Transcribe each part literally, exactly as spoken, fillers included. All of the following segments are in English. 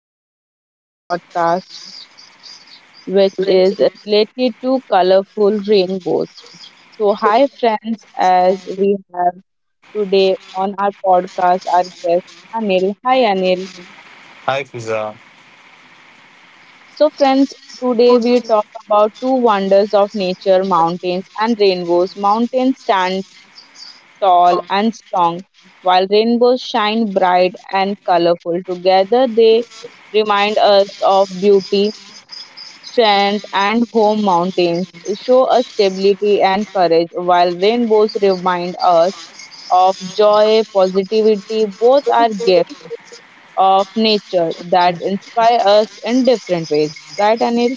our today's podcast, which is related to colorful rainbows. So, hi friends, as we have today on our podcast our guest Anil. Hi Anil. Hi, pizza. So, friends, today we talk about two wonders of nature mountains and rainbows. Mountains stand tall and strong, while rainbows shine bright and colorful. Together, they remind us of beauty Sands and home mountains show us stability and courage, while rainbows remind us of joy, positivity. Both are gifts of nature that inspire us in different ways. Right, Anil?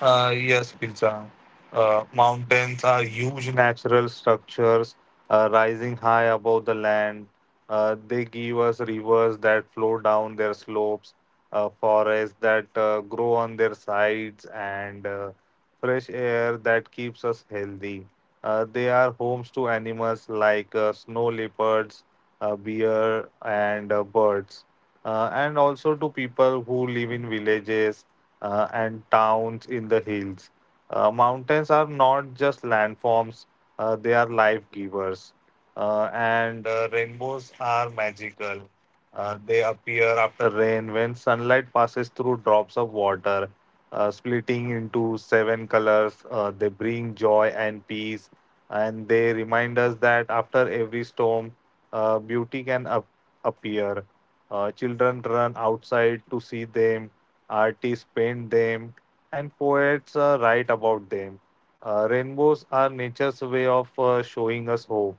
Uh, yes, pizza. Uh, mountains are huge natural structures uh, rising high above the land. Uh, they give us rivers that flow down their slopes, uh, forests that uh, grow on their sides, and uh, fresh air that keeps us healthy. Uh, they are homes to animals like uh, snow leopards, uh, bear, and uh, birds, uh, and also to people who live in villages uh, and towns in the hills. Uh, mountains are not just landforms, uh, they are life givers. Uh, and uh, rainbows are magical. Uh, they appear after rain when sunlight passes through drops of water, uh, splitting into seven colors. Uh, they bring joy and peace, and they remind us that after every storm, uh, beauty can ap- appear. Uh, children run outside to see them, artists paint them, and poets uh, write about them. Uh, rainbows are nature's way of uh, showing us hope.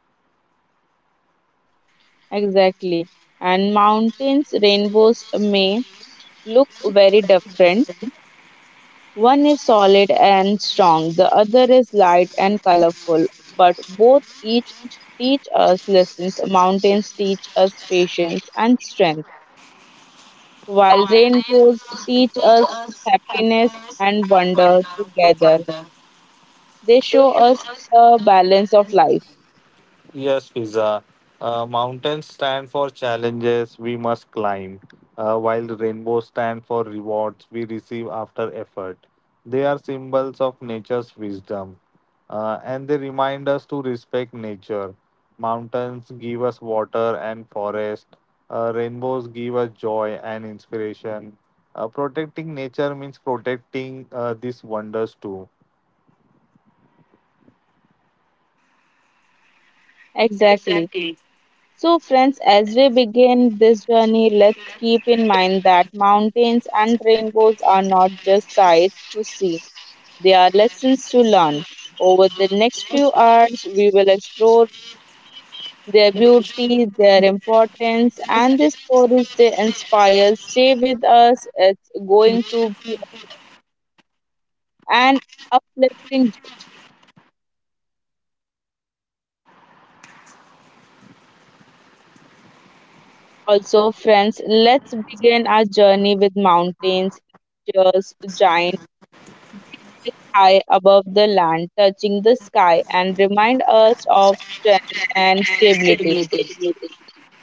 Exactly. And mountains, rainbows may look very different. One is solid and strong, the other is light and colorful, but both each teach us lessons. Mountains teach us patience and strength, while rainbows teach us happiness and wonder together. They show us the balance of life. Yes, Fiza. Uh, mountains stand for challenges we must climb, uh, while rainbows stand for rewards we receive after effort. They are symbols of nature's wisdom, uh, and they remind us to respect nature. Mountains give us water and forest. Uh, rainbows give us joy and inspiration. Uh, protecting nature means protecting uh, these wonders too. Exactly. So, friends, as we begin this journey, let's keep in mind that mountains and rainbows are not just sights to see. There are lessons to learn. Over the next few hours, we will explore their beauty, their importance, and the stories they inspire. Stay with us. It's going to be an uplifting journey. Also, friends, let's begin our journey with mountains, just giant peaks high above the land, touching the sky, and remind us of strength and stability.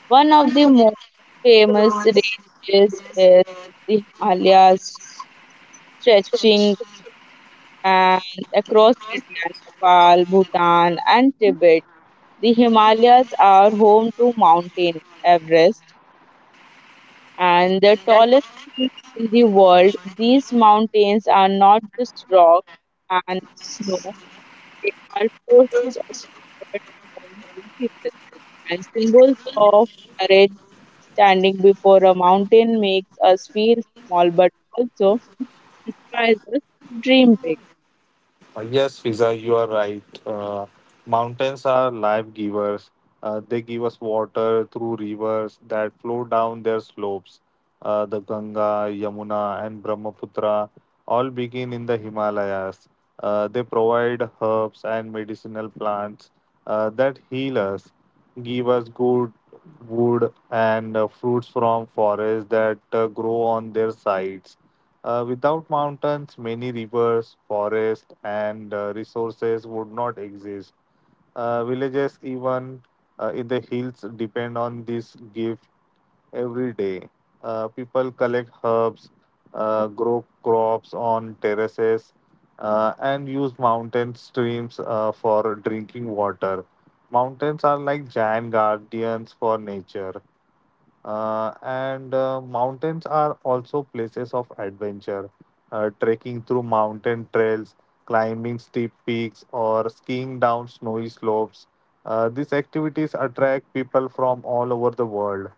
One of the most famous ranges is the Himalayas, stretching and across India, Nepal, Bhutan, and Tibet. The Himalayas are home to Mountain Everest and the tallest peak in the world. These mountains are not just rock and snow; they are forces of people and symbols of courage. Standing before a mountain makes us feel small but also inspires us to dream big. Uh, Yes, Fiza, you are right. Uh, mountains are life givers. Uh, they give us water through rivers that flow down their slopes. Uh, the Ganga, Yamuna, and Brahmaputra all begin in the Himalayas. Uh, they provide herbs and medicinal plants uh, that heal us, give us good wood and uh, fruits from forests that uh, grow on their sides. Uh, without mountains, many rivers, forests, and uh, resources would not exist. Uh, villages, even uh, in the hills, depend on this gift every day. Uh, people collect herbs, uh, grow crops on terraces, uh, and use mountain streams uh, for drinking water. Mountains are like giant guardians for nature. Uh, and uh, mountains are also places of adventure. Uh, trekking through mountain trails, climbing steep peaks, or skiing down snowy slopes. Uh, these activities attract people from all over the world.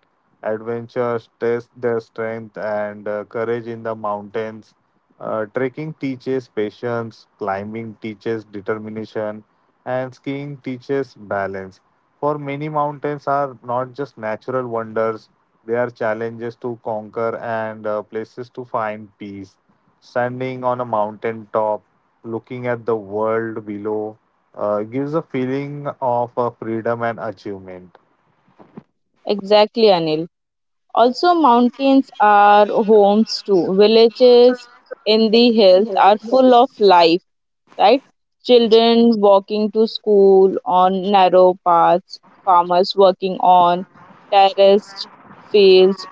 Adventures test their strength and uh, courage in the mountains. Uh, trekking teaches patience, climbing teaches determination, and skiing teaches balance. For many, mountains are not just natural wonders, there are challenges to conquer and uh, places to find peace. Standing on a mountain top, looking at the world below, uh, gives a feeling of uh, freedom and achievement. Exactly, Anil. Also, mountains are homes too. Villages in the hills are full of life, right? Children walking to school on narrow paths, farmers working on terraced fields,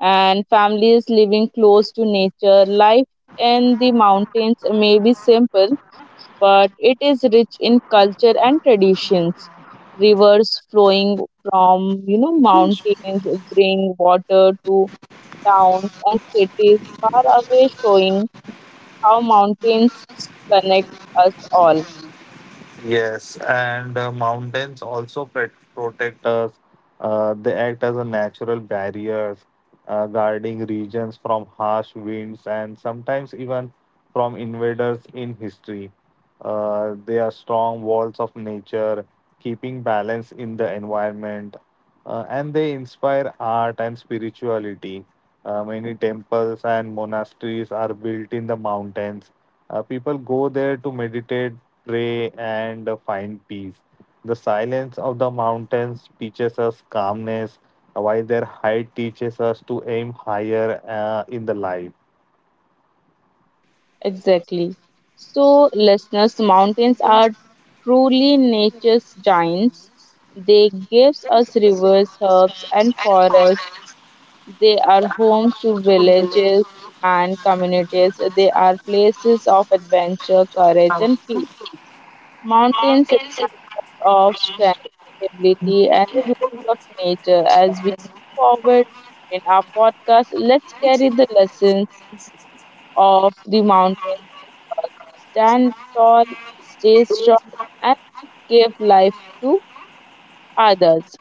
and families living close to nature. Life in the mountains may be simple but it is rich in culture and traditions. Rivers flowing from you know mountains bring water to towns and cities far away, showing how mountains connect us all. Yes, and uh, mountains also pet- protect us. Uh, they act as a natural barriers, uh, guarding regions from harsh winds and sometimes even from invaders in history. Uh, they are strong walls of nature, keeping balance in the environment, uh, and they inspire art and spirituality. Uh, many temples and monasteries are built in the mountains. Uh, people go there to meditate, pray, and find peace. The silence of the mountains teaches us calmness, while their height teaches us to aim higher uh, in the life. Exactly. So, listeners, mountains are truly nature's giants. They gives us rivers, herbs, and forests. They are home to villages and communities. They are places of adventure, courage, and peace. Mountains remind of strength, stability, and the beauty of nature. As we move forward in our podcast, let's carry the lessons of the mountains. Stand tall, stay strong, and give life to others.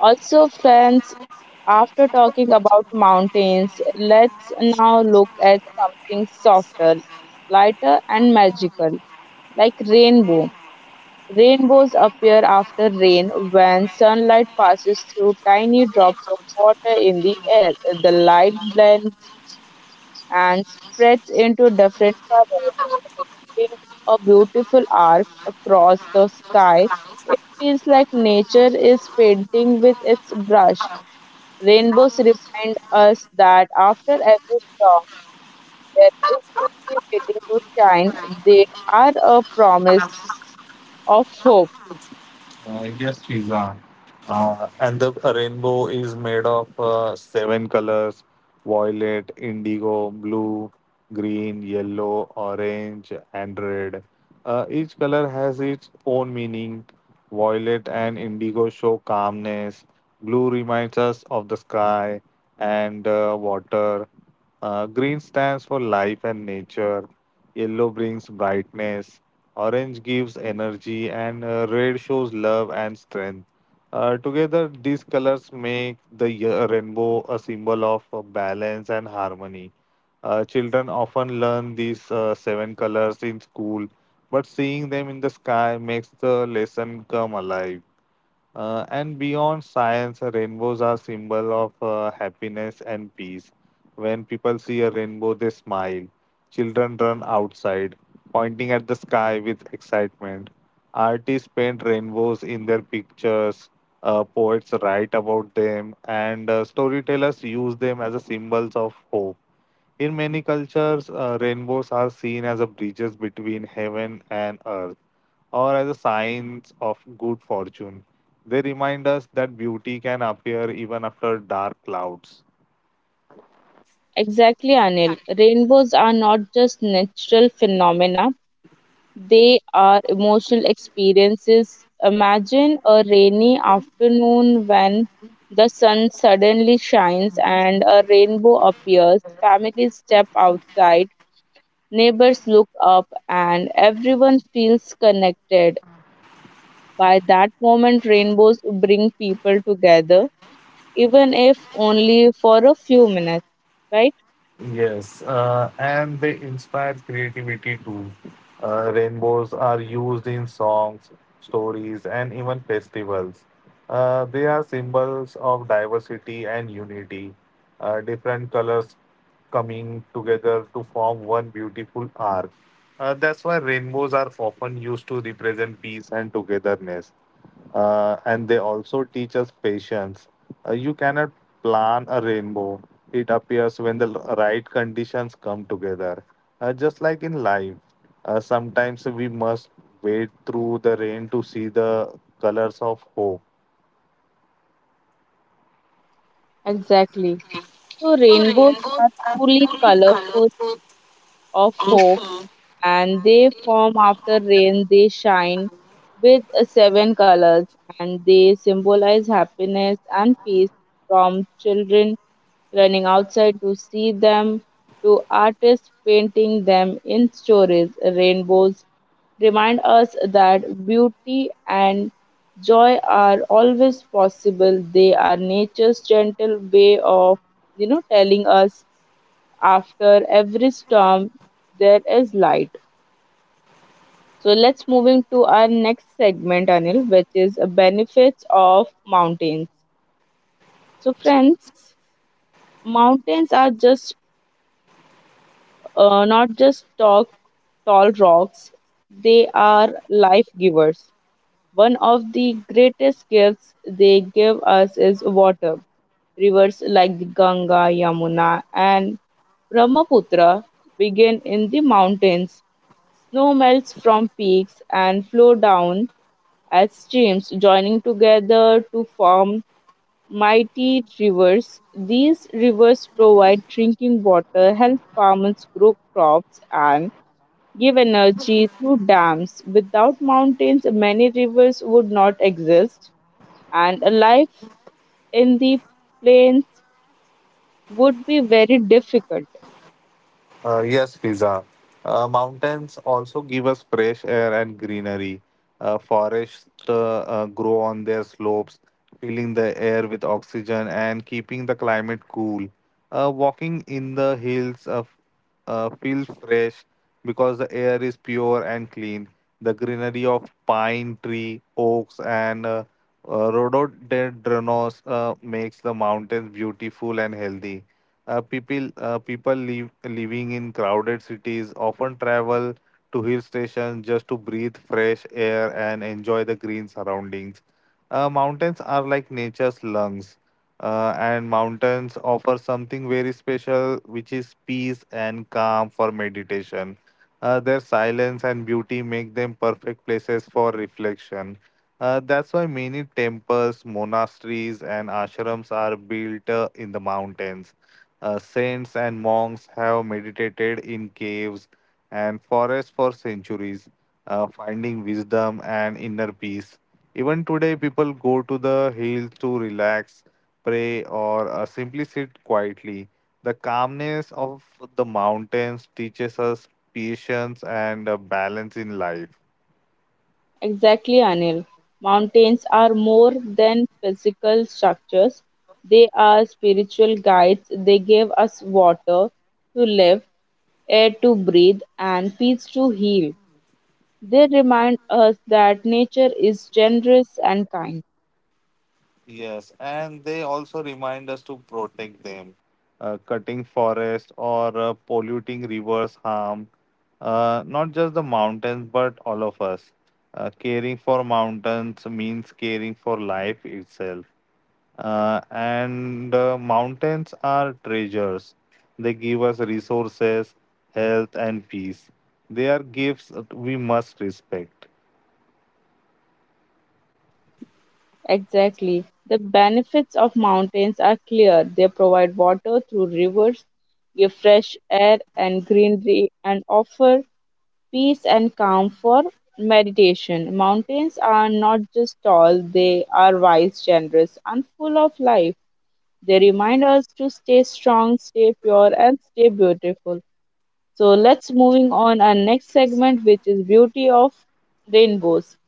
Also, friends, after talking about mountains, let's now look at something softer, lighter, and magical, like rainbow. Rainbows appear after rain when sunlight passes through tiny drops of water in the air. The light blends and spreads into different colors, creating a beautiful arc across the sky. It feels like nature is painting with its brush. Rainbows remind us that after every storm, there is beauty waiting to shine. They are a promise of hope. Uh, yes, Shiva. Uh, and the rainbow is made of uh, seven colors: violet, indigo, blue, green, yellow, orange, and red. Uh, each color has its own meaning. Violet and indigo show calmness, blue reminds us of the sky and uh, water, uh, green stands for life and nature, yellow brings brightness, orange gives energy, and uh, red shows love and strength. Uh, together, these colors make the ye- rainbow a symbol of uh, balance and harmony. Uh, children often learn these uh, seven colors in school, but seeing them in the sky makes the lesson come alive. Uh, and beyond science, uh, rainbows are symbol of uh, happiness and peace. When people see a rainbow, they smile. Children run outside, pointing at the sky with excitement. Artists paint rainbows in their pictures. Uh, poets write about them, and uh, storytellers use them as a symbols of hope. In many cultures, uh, rainbows are seen as a bridges between heaven and earth, or as a sign of good fortune. They remind us that beauty can appear even after dark clouds. Exactly, Anil. Rainbows are not just natural phenomena, they are emotional experiences. Imagine a rainy afternoon when the sun suddenly shines and a rainbow appears. Families step outside, neighbors look up, and everyone feels connected. By that moment, rainbows bring people together, even if only for a few minutes, right? Yes, uh, and they inspire creativity too. Uh, rainbows are used in songs, stories, and even festivals. Uh, they are symbols of diversity and unity. Uh, different colors coming together to form one beautiful arc. Uh, that's why rainbows are often used to represent peace and togetherness. Uh, and they also teach us patience. Uh, you cannot plan a rainbow, it appears when the l- right conditions come together. Uh, just like in life, uh, sometimes we must wait through the rain to see the colors of hope. Exactly. So, rainbows are truly colorful of hope and they form after rain, they shine with seven colors and they symbolize happiness and peace from children running outside to see them to artists painting them in stories. Rainbows remind us that beauty and joy are always possible. They are nature's gentle way of, you know, telling us after every storm there is light. So let's move into our next segment, Anil, which is uh, benefits of mountains. So friends, mountains are just uh, not just talk, tall rocks; they are life givers. One of the greatest gifts they give us is water. Rivers like the Ganga, Yamuna, and Brahmaputra begin in the mountains. Snow melts from peaks and flow down as streams, joining together to form mighty rivers. These rivers provide drinking water, help farmers grow crops, and give energy through dams. Without mountains, many rivers would not exist and a life in the plains would be very difficult. Uh, yes, Fiza. Uh, mountains also give us fresh air and greenery. Uh, forests uh, uh, grow on their slopes, filling the air with oxygen and keeping the climate cool. Uh, walking in the hills uh, f- uh, feels fresh because the air is pure and clean. The greenery of pine tree, oaks, and uh, uh, rhododendrons uh, makes the mountains beautiful and healthy. Uh, people uh, people live, living in crowded cities often travel to hill stations just to breathe fresh air and enjoy the green surroundings. Uh, mountains are like nature's lungs, uh, and mountains offer something very special, which is peace and calm for meditation. Uh, their silence and beauty make them perfect places for reflection. Uh, that's why many temples, monasteries, and ashrams are built uh, in the mountains. Uh, saints and monks have meditated in caves and forests for centuries, uh, finding wisdom and inner peace. Even today, people go to the hills to relax, pray, or uh, simply sit quietly. The calmness of the mountains teaches us patience and uh, balance in life. Exactly, Anil. Mountains are more than physical structures, they are spiritual guides. They give us water to live, air to breathe, and peace to heal. They remind us that nature is generous and kind. Yes, and they also remind us to protect them. Uh, cutting forest or uh, polluting rivers harm uh, not just the mountains but all of us. Uh, caring for mountains means caring for life itself. Uh, and uh, mountains are treasures. They give us resources, health, and peace. They are gifts that we must respect. Exactly. The benefits of mountains are clear. They provide water through rivers, give fresh air and greenery, and offer peace and calm for meditation. Mountains are not just tall, they are wise, generous, and full of life. They remind us to stay strong, stay pure, and stay beautiful. So let's moving on our next segment, which is beauty of rainbows.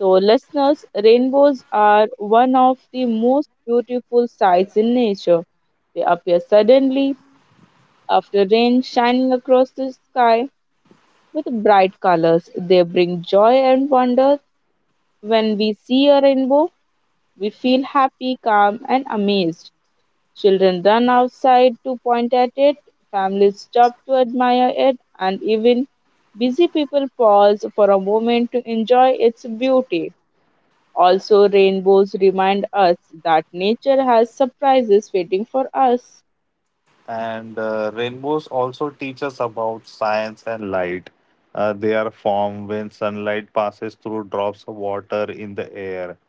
So, listeners, rainbows are one of the most beautiful sights in nature. They appear suddenly after rain, shining across the sky with bright colors. They bring joy and wonder. When we see a rainbow, we feel happy, calm, and amazed. Children run outside to point at it, families stop to admire it, and even busy people pause for a moment to enjoy its beauty. Also, rainbows remind us that nature has surprises waiting for us. And uh, rainbows also teach us about science and light. Uh, they are formed when sunlight passes through drops of water in the air.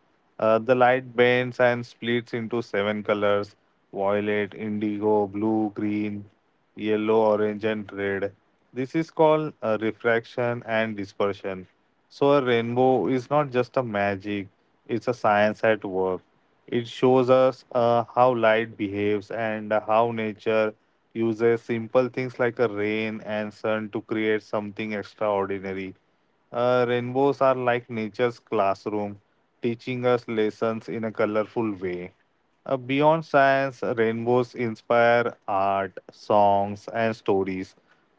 Uh, the light bends and splits into seven colors: violet, indigo, blue, green, yellow, orange, and red. This is called uh, refraction and dispersion. So, a rainbow is not just a magic, it's a science at work. It shows us uh, how light behaves and how nature uses simple things like a rain and sun to create something extraordinary. Uh, rainbows are like nature's classroom, teaching us lessons in a colorful way. Uh, beyond science, rainbows inspire art, songs, and stories.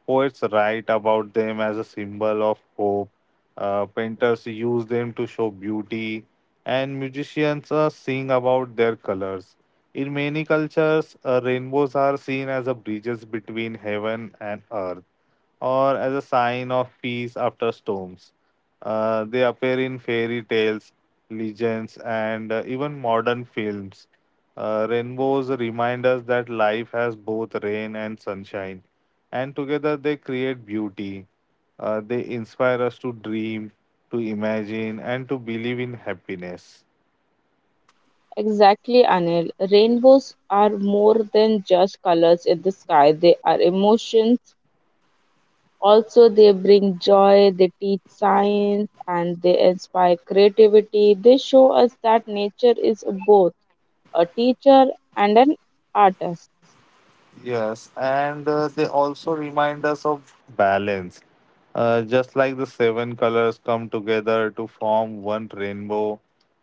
Poets write about them as a symbol of hope. Uh, painters use them to show beauty, and musicians uh, sing about their colors. In many cultures, uh, rainbows are seen as a bridges between heaven and earth, or as a sign of peace after storms. Uh, they appear in fairy tales, legends, and uh, even modern films. Uh, rainbows remind us that life has both rain and sunshine, and together they create beauty. Uh, they inspire us to dream, to imagine, and to believe in happiness. Exactly, Anil. Rainbows are more than just colors in the sky, they are emotions. Also, they bring joy, they teach science, and they inspire creativity. They show us that nature is both a teacher and an artist. Yes, and uh, they also remind us of balance. Uh, just like the seven colors come together to form one rainbow,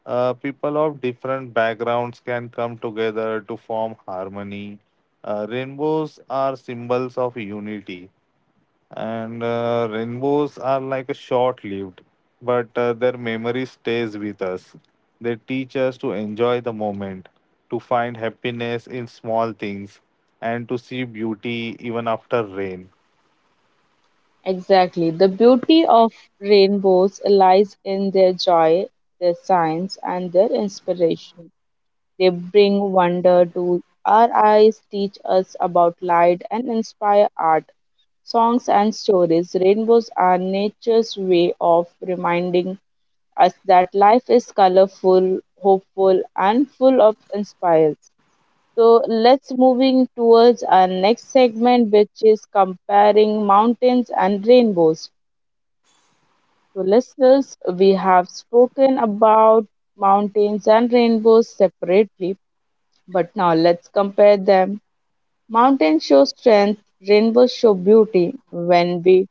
uh, people of different backgrounds can come together to form harmony. Uh, rainbows are symbols of unity, and uh, rainbows are like a short-lived, but uh, their memory stays with us. They teach us to enjoy the moment, to find happiness in small things, and to see beauty even after rain. Exactly. The beauty of rainbows lies in their joy, their science, and their inspiration. They bring wonder to our eyes, teach us about light, and inspire art, songs, and stories. Rainbows are nature's way of reminding us that life is colorful, hopeful, and full of inspires. So let's moving towards our next segment, which is comparing mountains and rainbows. So listeners, we have spoken about mountains and rainbows separately, but now let's compare them. Mountains show strength, rainbows show beauty. When we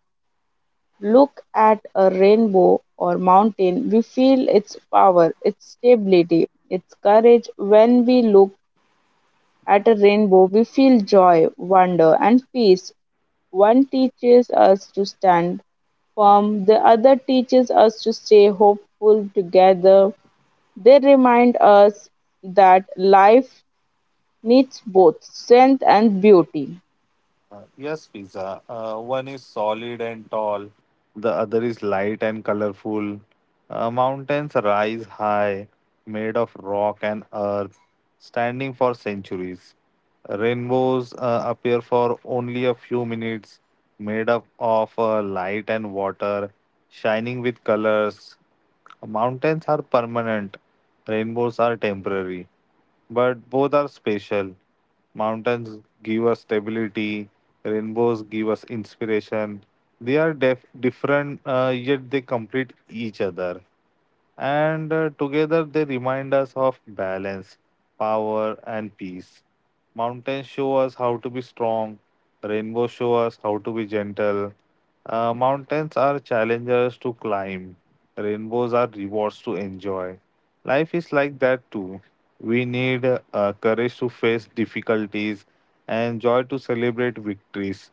look at a rainbow or mountain, we feel its power, its stability, its courage. When we look at a rainbow, we feel joy, wonder, and peace. One teaches us to stand firm, the other teaches us to stay hopeful together. They remind us that life needs both strength and beauty. Uh, Yes, pizza. Uh, one is solid and tall, the other is light and colorful. Uh, mountains rise high, made of rock and earth, standing for centuries. Rainbows uh, appear for only a few minutes, made up of uh, light and water, shining with colors. Mountains are permanent, rainbows are temporary, but both are spatial. Mountains give us stability, rainbows give us inspiration. They are def- different, uh, yet they complete each other, and uh, together they remind us of balance, power, and peace. Mountains show us how to be strong, rainbows show us how to be gentle. Uh, mountains are challenges to climb, rainbows are rewards to enjoy. Life is like that too. We need uh, courage to face difficulties and joy to celebrate victories.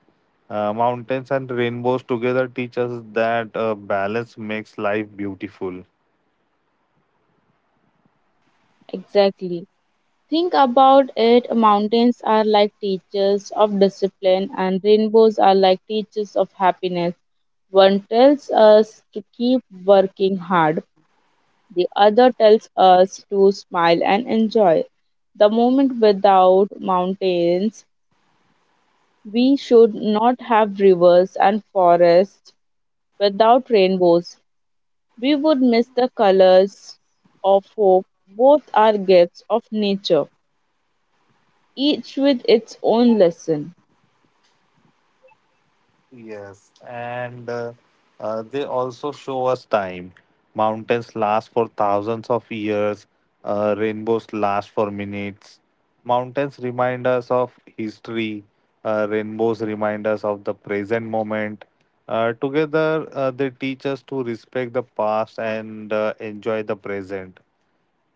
Uh, mountains and rainbows together teach us that uh, balance makes life beautiful. Exactly. Think about it mountains are like teachers of discipline, and rainbows are like teachers of happiness. One tells us to keep working hard, the other tells us to smile and enjoy. The moment without mountains, we should not have rivers and forests. Without rainbows, we would miss the colors of hope. Both are gifts of nature, each with its own lesson. Yes, and uh, uh, they also show us time. Mountains last for thousands of years, uh, rainbows last for minutes. Mountains remind us of history, uh, rainbows remind us of the present moment. Uh, together, uh, they teach us to respect the past and uh, enjoy the present,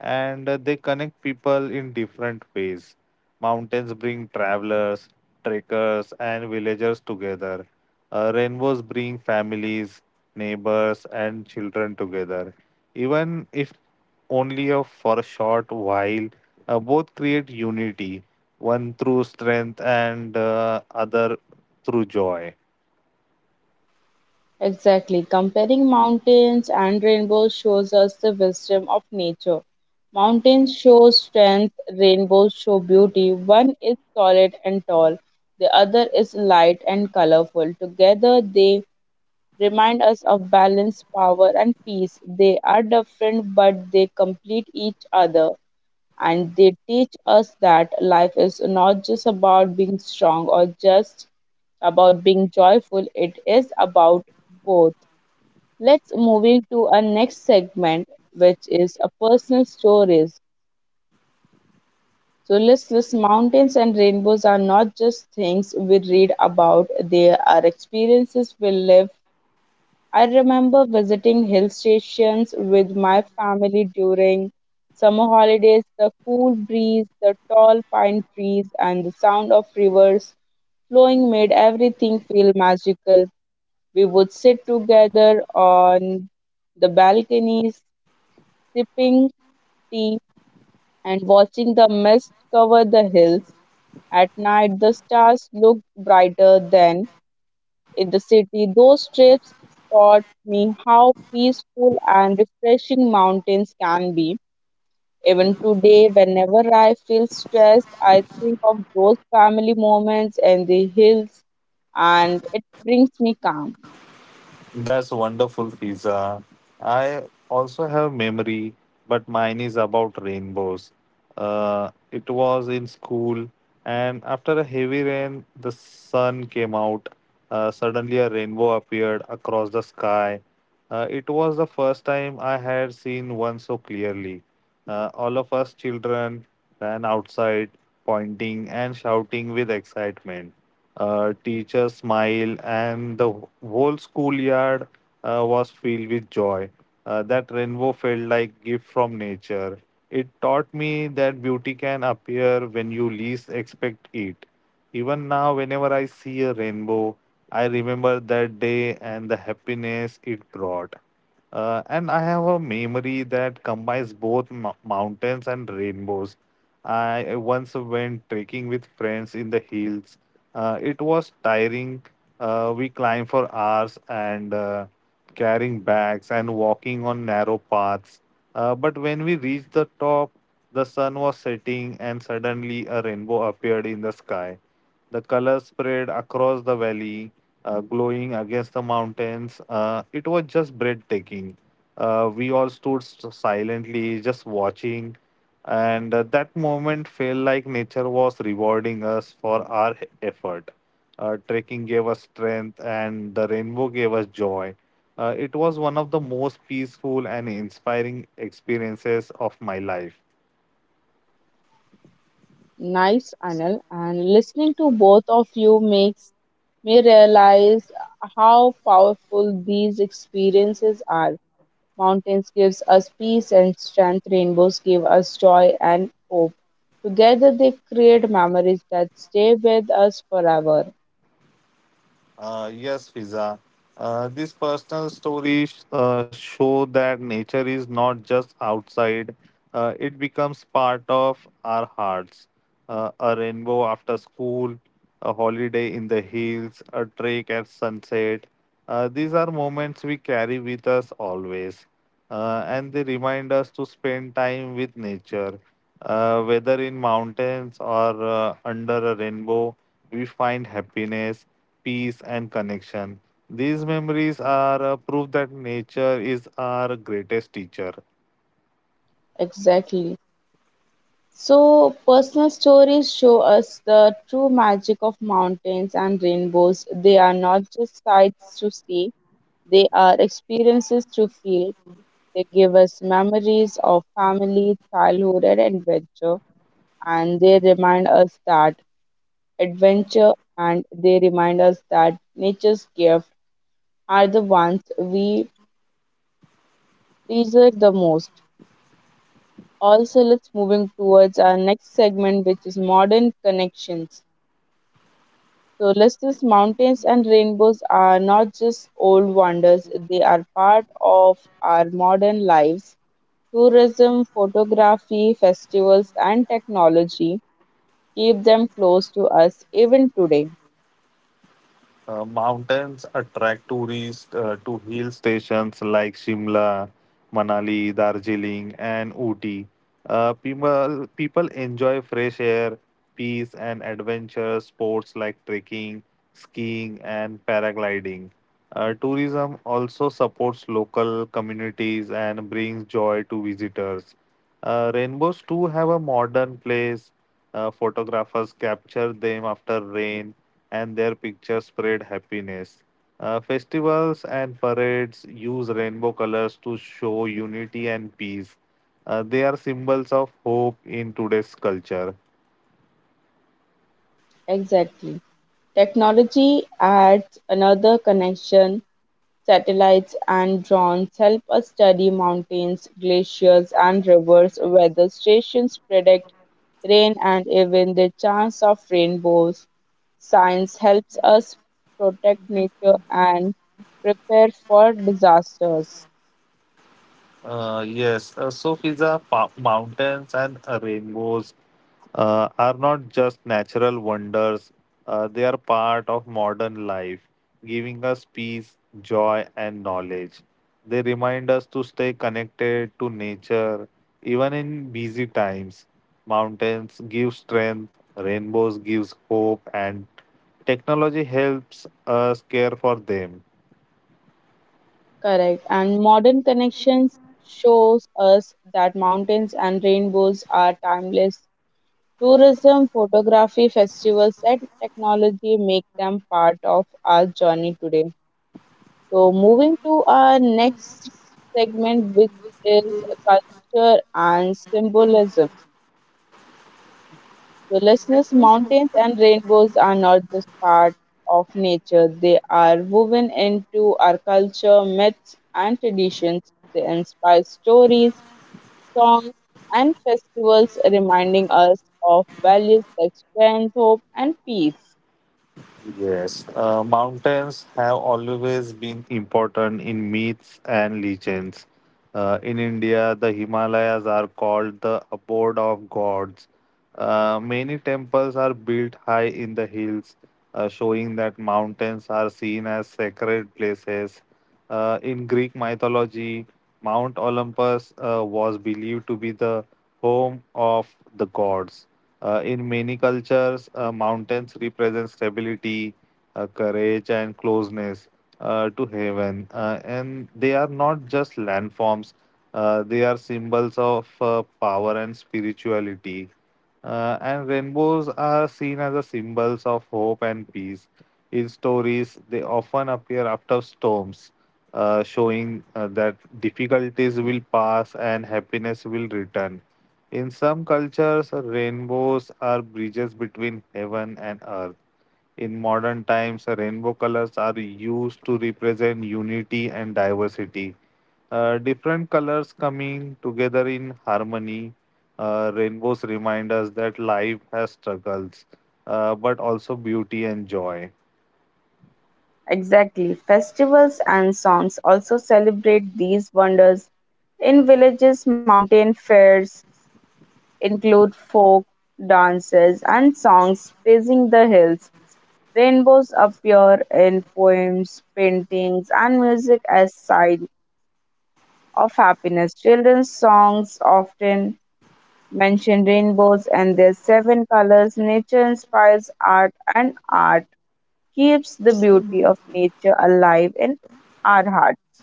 and uh, they connect people in different ways. Mountains bring travelers, trekkers, and villagers together. Uh, rainbows bring families, neighbors, and children together. Even if only a, for a short while, uh, both create unity, one through strength and uh, other through joy. Exactly. Comparing mountains and rainbows shows us the wisdom of nature. Mountains show strength, rainbows show beauty. One is solid and tall, the other is light and colorful. Together, they remind us of balance, power, and peace. They are different, but they complete each other, and they teach us that life is not just about being strong or just about being joyful, it is about both. Let's moving to our next segment, which is a personal stories. So listless mountains and rainbows are not just things we read about, they are experiences we live. I remember visiting hill stations with my family during summer holidays. The cool breeze, the tall pine trees, and the sound of rivers flowing made everything feel magical. We would sit together on the balconies, sipping tea and watching the mist cover the hills. At night, the stars looked brighter than in the city. Those trips taught me how peaceful and refreshing mountains can be. Even today, whenever I feel stressed, I think of those family moments and the hills, and it brings me calm. That's wonderful, Fiza. I also have memory, but mine is about rainbows. Uh, it was in school, and after a heavy rain, the sun came out. Uh, suddenly, a rainbow appeared across the sky. Uh, it was the first time I had seen one so clearly. Uh, all of us children ran outside, pointing and shouting with excitement. Uh, teacher smiled, and the whole schoolyard uh, was filled with joy. Uh, that rainbow felt like gift from nature. It taught me that beauty can appear when you least expect it. Even now, whenever I see a rainbow, I remember that day and the happiness it brought. Uh, and I have a memory that combines both mou- mountains and rainbows. I once went trekking with friends in the hills. Uh, it was tiring. Uh, we climbed for hours and uh, carrying bags and walking on narrow paths. Uh, but when we reached the top, the sun was setting and suddenly a rainbow appeared in the sky. The colors spread across the valley, uh, glowing against the mountains. Uh, it was just breathtaking. Uh, we all stood s- silently, just watching, and uh, that moment felt like nature was rewarding us for our e- effort. Uh, trekking gave us strength, and the rainbow gave us joy. Uh, it was one of the most peaceful and inspiring experiences of my life. Nice, Anil. And listening to both of you makes me realize how powerful these experiences are. Mountains gives us peace and strength. Rainbows give us joy and hope. Together they create memories that stay with us forever. Uh, yes, Fiza. Uh, these personal stories uh, show that nature is not just outside, uh, it becomes part of our hearts. Uh, a rainbow after school, a holiday in the hills, a trek at sunset. Uh, these are moments we carry with us always, uh, and they remind us to spend time with nature. Uh, whether in mountains or uh, under a rainbow, we find happiness, peace, and connection. These memories are a proof that nature is our greatest teacher. Exactly. So personal stories show us the true magic of mountains and rainbows. They are not just sights to see, they are experiences to feel. They give us memories of family, childhood and adventure and they remind us that adventure, and they remind us that nature's gifts are the ones we treasure the most. Also, let's moving towards our next segment, which is modern connections. So, listeners, mountains and rainbows are not just old wonders; they are part of our modern lives. Tourism, photography, festivals, and technology keep them close to us even today. Uh, mountains attract tourists uh, to hill stations like Shimla, Manali, Darjeeling, and Ooty. Uh, people, people enjoy fresh air, peace, and adventure sports like trekking, skiing, and paragliding. Uh, tourism also supports local communities and brings joy to visitors. Uh, rainbows too have a modern place. Uh, photographers capture them after rain and their pictures spread happiness. Uh, festivals and parades use rainbow colors to show unity and peace. Uh, they are symbols of hope in today's culture. Exactly. Technology adds another connection. Satellites and drones help us study mountains, glaciers, and rivers. Weather stations predict rain and even the chance of rainbows. Science helps us protect nature and prepare for disasters. Uh, yes, uh, so pizza, pa- mountains and uh, rainbows uh, are not just natural wonders, uh, they are part of modern life, giving us peace, joy, and knowledge. They remind us to stay connected to nature even in busy times. Mountains give strength, rainbows gives hope, and technology helps us care for them. Correct. And modern connections shows us that mountains and rainbows are timeless. Tourism, photography, festivals, and technology make them part of our journey today. So, moving to our next segment, which is culture and symbolism. So, listeners, mountains and rainbows are not just part of nature, they are woven into our culture, myths, and traditions. They inspire stories, songs, and festivals reminding us of values like strength, hope, and peace. Yes, uh, mountains have always been important in myths and legends. Uh, in India, the Himalayas are called the abode of gods. Uh, many temples are built high in the hills, uh, showing that mountains are seen as sacred places. Uh, in Greek mythology, Mount Olympus uh, was believed to be the home of the gods. Uh, in many cultures, uh, mountains represent stability, uh, courage, and closeness uh, to heaven. Uh, and they are not just landforms, uh, they are symbols of uh, power and spirituality. Uh, and rainbows are seen as a symbols of hope and peace. In stories, they often appear after storms, uh, showing uh, that difficulties will pass and happiness will return. In some cultures, rainbows are bridges between heaven and earth. In modern times, rainbow colors are used to represent unity and diversity. Uh, different colors coming together in harmony. Uh, rainbows remind us that life has struggles, uh, but also beauty and joy. Exactly. Festivals and songs also celebrate these wonders. In villages, mountain fairs include folk dances and songs praising the hills. Rainbows appear in poems, paintings, and music as sign of happiness. Children's songs often mention rainbows and their seven colors. Nature inspires art, and art keeps the beauty of nature alive in our hearts.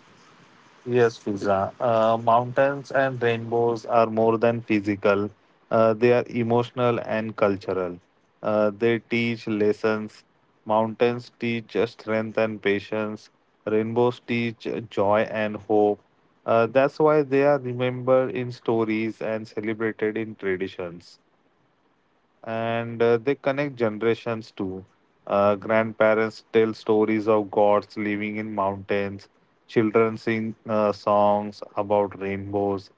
Yes, Fiza. Uh, mountains and rainbows are more than physical. Uh, they are emotional and cultural. Uh, they teach lessons. Mountains teach strength and patience. Rainbows teach joy and hope. Uh, that's why they are remembered in stories and celebrated in traditions, and uh, they connect generations too. Uh, grandparents tell stories of gods living in mountains, children sing uh, songs about rainbows,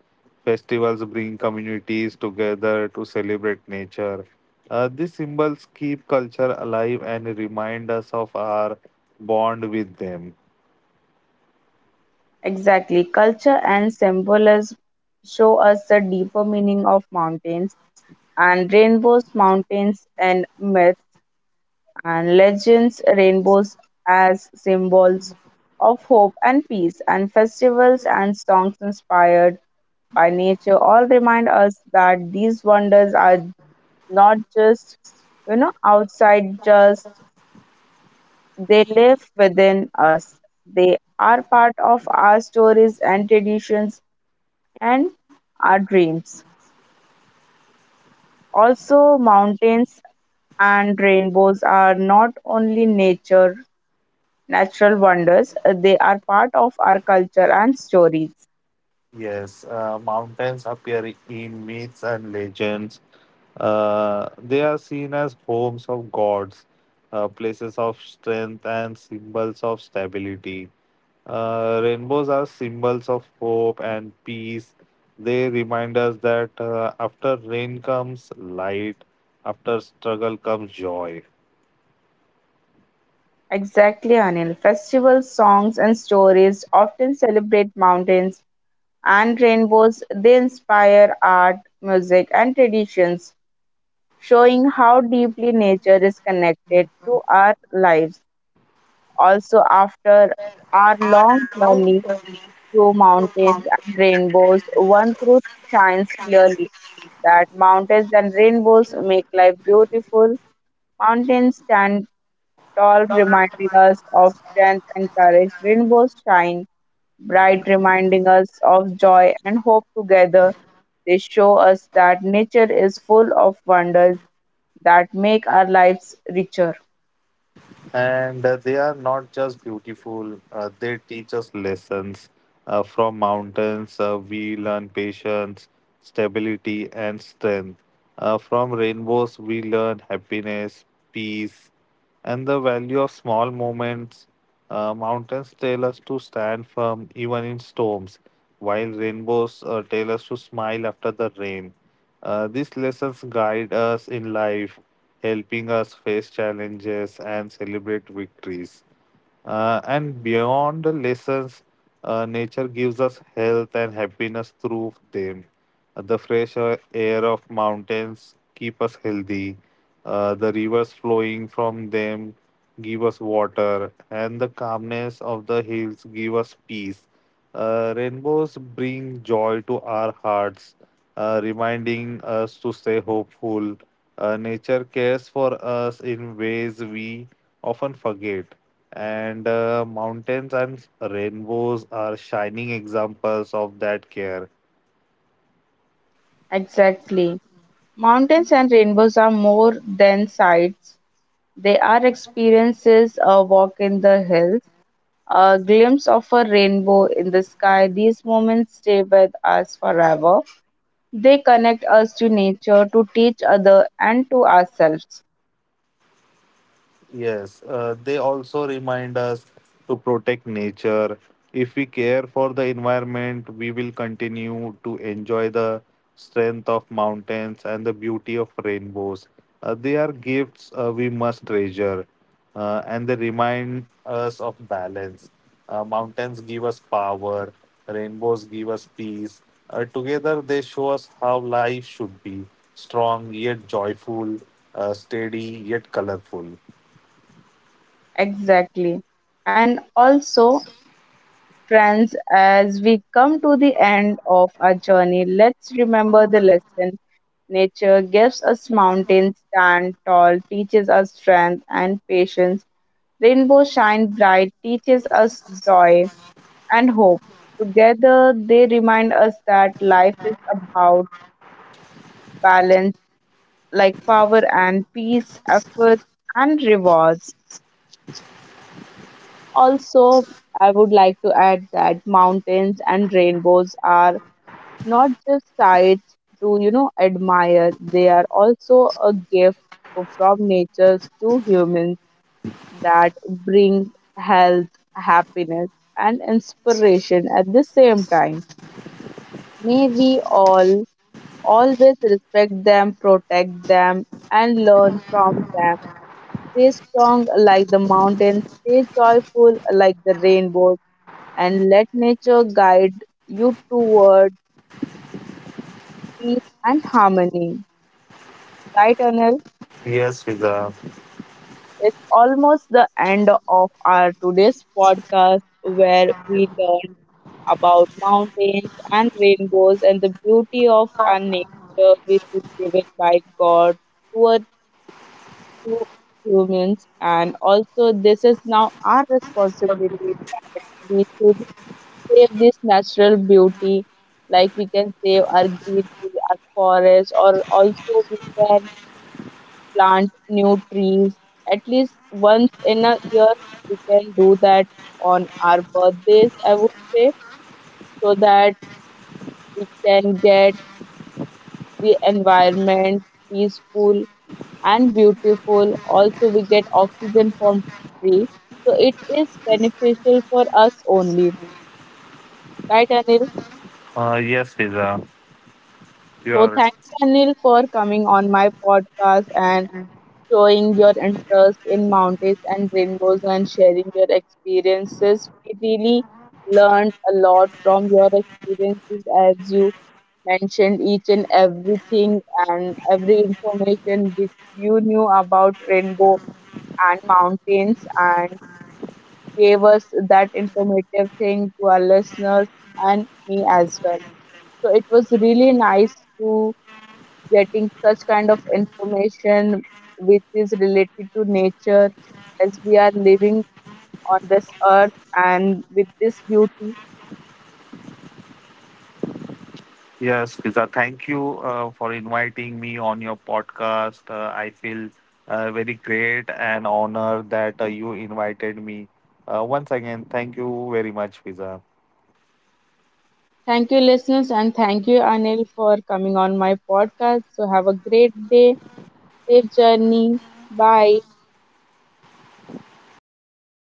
festivals bring communities together to celebrate nature. Uh, these symbols keep culture alive and remind us of our bond with them. Exactly. Culture and symbolism show us the deeper meaning of mountains and rainbows, mountains and myths and legends, rainbows as symbols of hope and peace, and festivals and songs inspired by nature all remind us that these wonders are not just, you know, outside, just they live within us. They are part of our stories and traditions and our dreams. Also, mountains and rainbows are not only nature, natural wonders. Uh, they are part of our culture and stories. Yes, uh, mountains appear in myths and legends. Uh, they are seen as homes of gods, uh, places of strength, and symbols of stability. Uh, rainbows are symbols of hope and peace. They remind us that uh, after rain comes light, after struggle comes joy. Exactly, Anil. Festivals, songs, and stories often celebrate mountains and rainbows. They inspire art, music, and traditions, showing how deeply nature is connected to our lives. Also, after our long journey through mountains and rainbows, one truth shines clearly that mountains and rainbows make life beautiful. Mountains stand tall, reminding us of strength and courage. Rainbows shine bright, reminding us of joy and hope together. They show us that nature is full of wonders that make our lives richer. And uh, they are not just beautiful. Uh, they teach us lessons. Uh, from mountains uh, we learn patience, stability, and strength. Uh, from rainbows we learn happiness, peace, and the value of small moments. Uh, mountains tell us to stand firm even in storms, while rainbows uh, tell us to smile after the rain. Uh, these lessons guide us in life, helping us face challenges and celebrate victories. Uh, and beyond the lessons, uh, nature gives us health and happiness through them. Uh, the fresh uh, air of mountains keep us healthy. Uh, the rivers flowing from them give us water, and the calmness of the hills give us peace. Uh, rainbows bring joy to our hearts, uh, reminding us to stay hopeful. Uh, nature cares for us in ways we often forget, and uh, mountains and rainbows are shining examples of that care. Exactly. Mountains and rainbows are more than sights. They are experiences, a walk in the hills, a glimpse of a rainbow in the sky. These moments stay with us forever. They connect us to nature, to each other, and to ourselves. Yes, uh, they also remind us to protect nature. If we care for the environment, we will continue to enjoy the strength of mountains and the beauty of rainbows. Uh, they are gifts uh, we must treasure, uh, and they remind us of balance. Uh, mountains give us power, rainbows give us peace. Uh, together, they show us how life should be: strong yet joyful, uh, steady yet colorful. Exactly. And also, friends, as we come to the end of our journey, let's remember the lesson. Nature gives us mountains stand tall, teaches us strength and patience. Rainbows shine bright, teaches us joy and hope. Together, they remind us that life is about balance, like power and peace, efforts and rewards. Also, I would like to add that mountains and rainbows are not just sights to you know admire. They are also a gift from nature to humans that bring health, happiness, and inspiration at the same time. May we all always respect them, protect them, and learn from them. Stay strong like the mountains, stay joyful like the rainbow, and let nature guide you toward peace and harmony, right, Anil? Yes, Fiza. It's almost the end of our today's podcast where we learned about mountains and rainbows and the beauty of our nature, which is given by God to us, to humans. And also, this is now our responsibility that we should save this natural beauty, like we can save our greenery, our forest, or also we can plant new trees at least once in a year. We can do that on our birthdays, I would say, so that we can get the environment peaceful and beautiful. Also, we get oxygen from tree. So it is beneficial for us only. Right, Anil? Uh, yes, Fiza. So You're thank you, Anil, for coming on my podcast and showing your interest in mountains and rainbows and sharing your experiences. We really learned a lot from your experiences, as you mentioned each and everything and every information which you knew about rainbow and mountains and gave us that informative thing to our listeners and me as well. So it was really nice to getting such kind of information which is related to nature, as we are living on this earth and with this beauty. yes, Fiza. Thank you uh, for inviting me on your podcast. Uh, I feel uh, very great and honored that uh, you invited me. Uh, once again, thank you very much, Fiza. Thank you, listeners, and thank you, Anil, for coming on my podcast. So, have a great day, safe journey. Bye.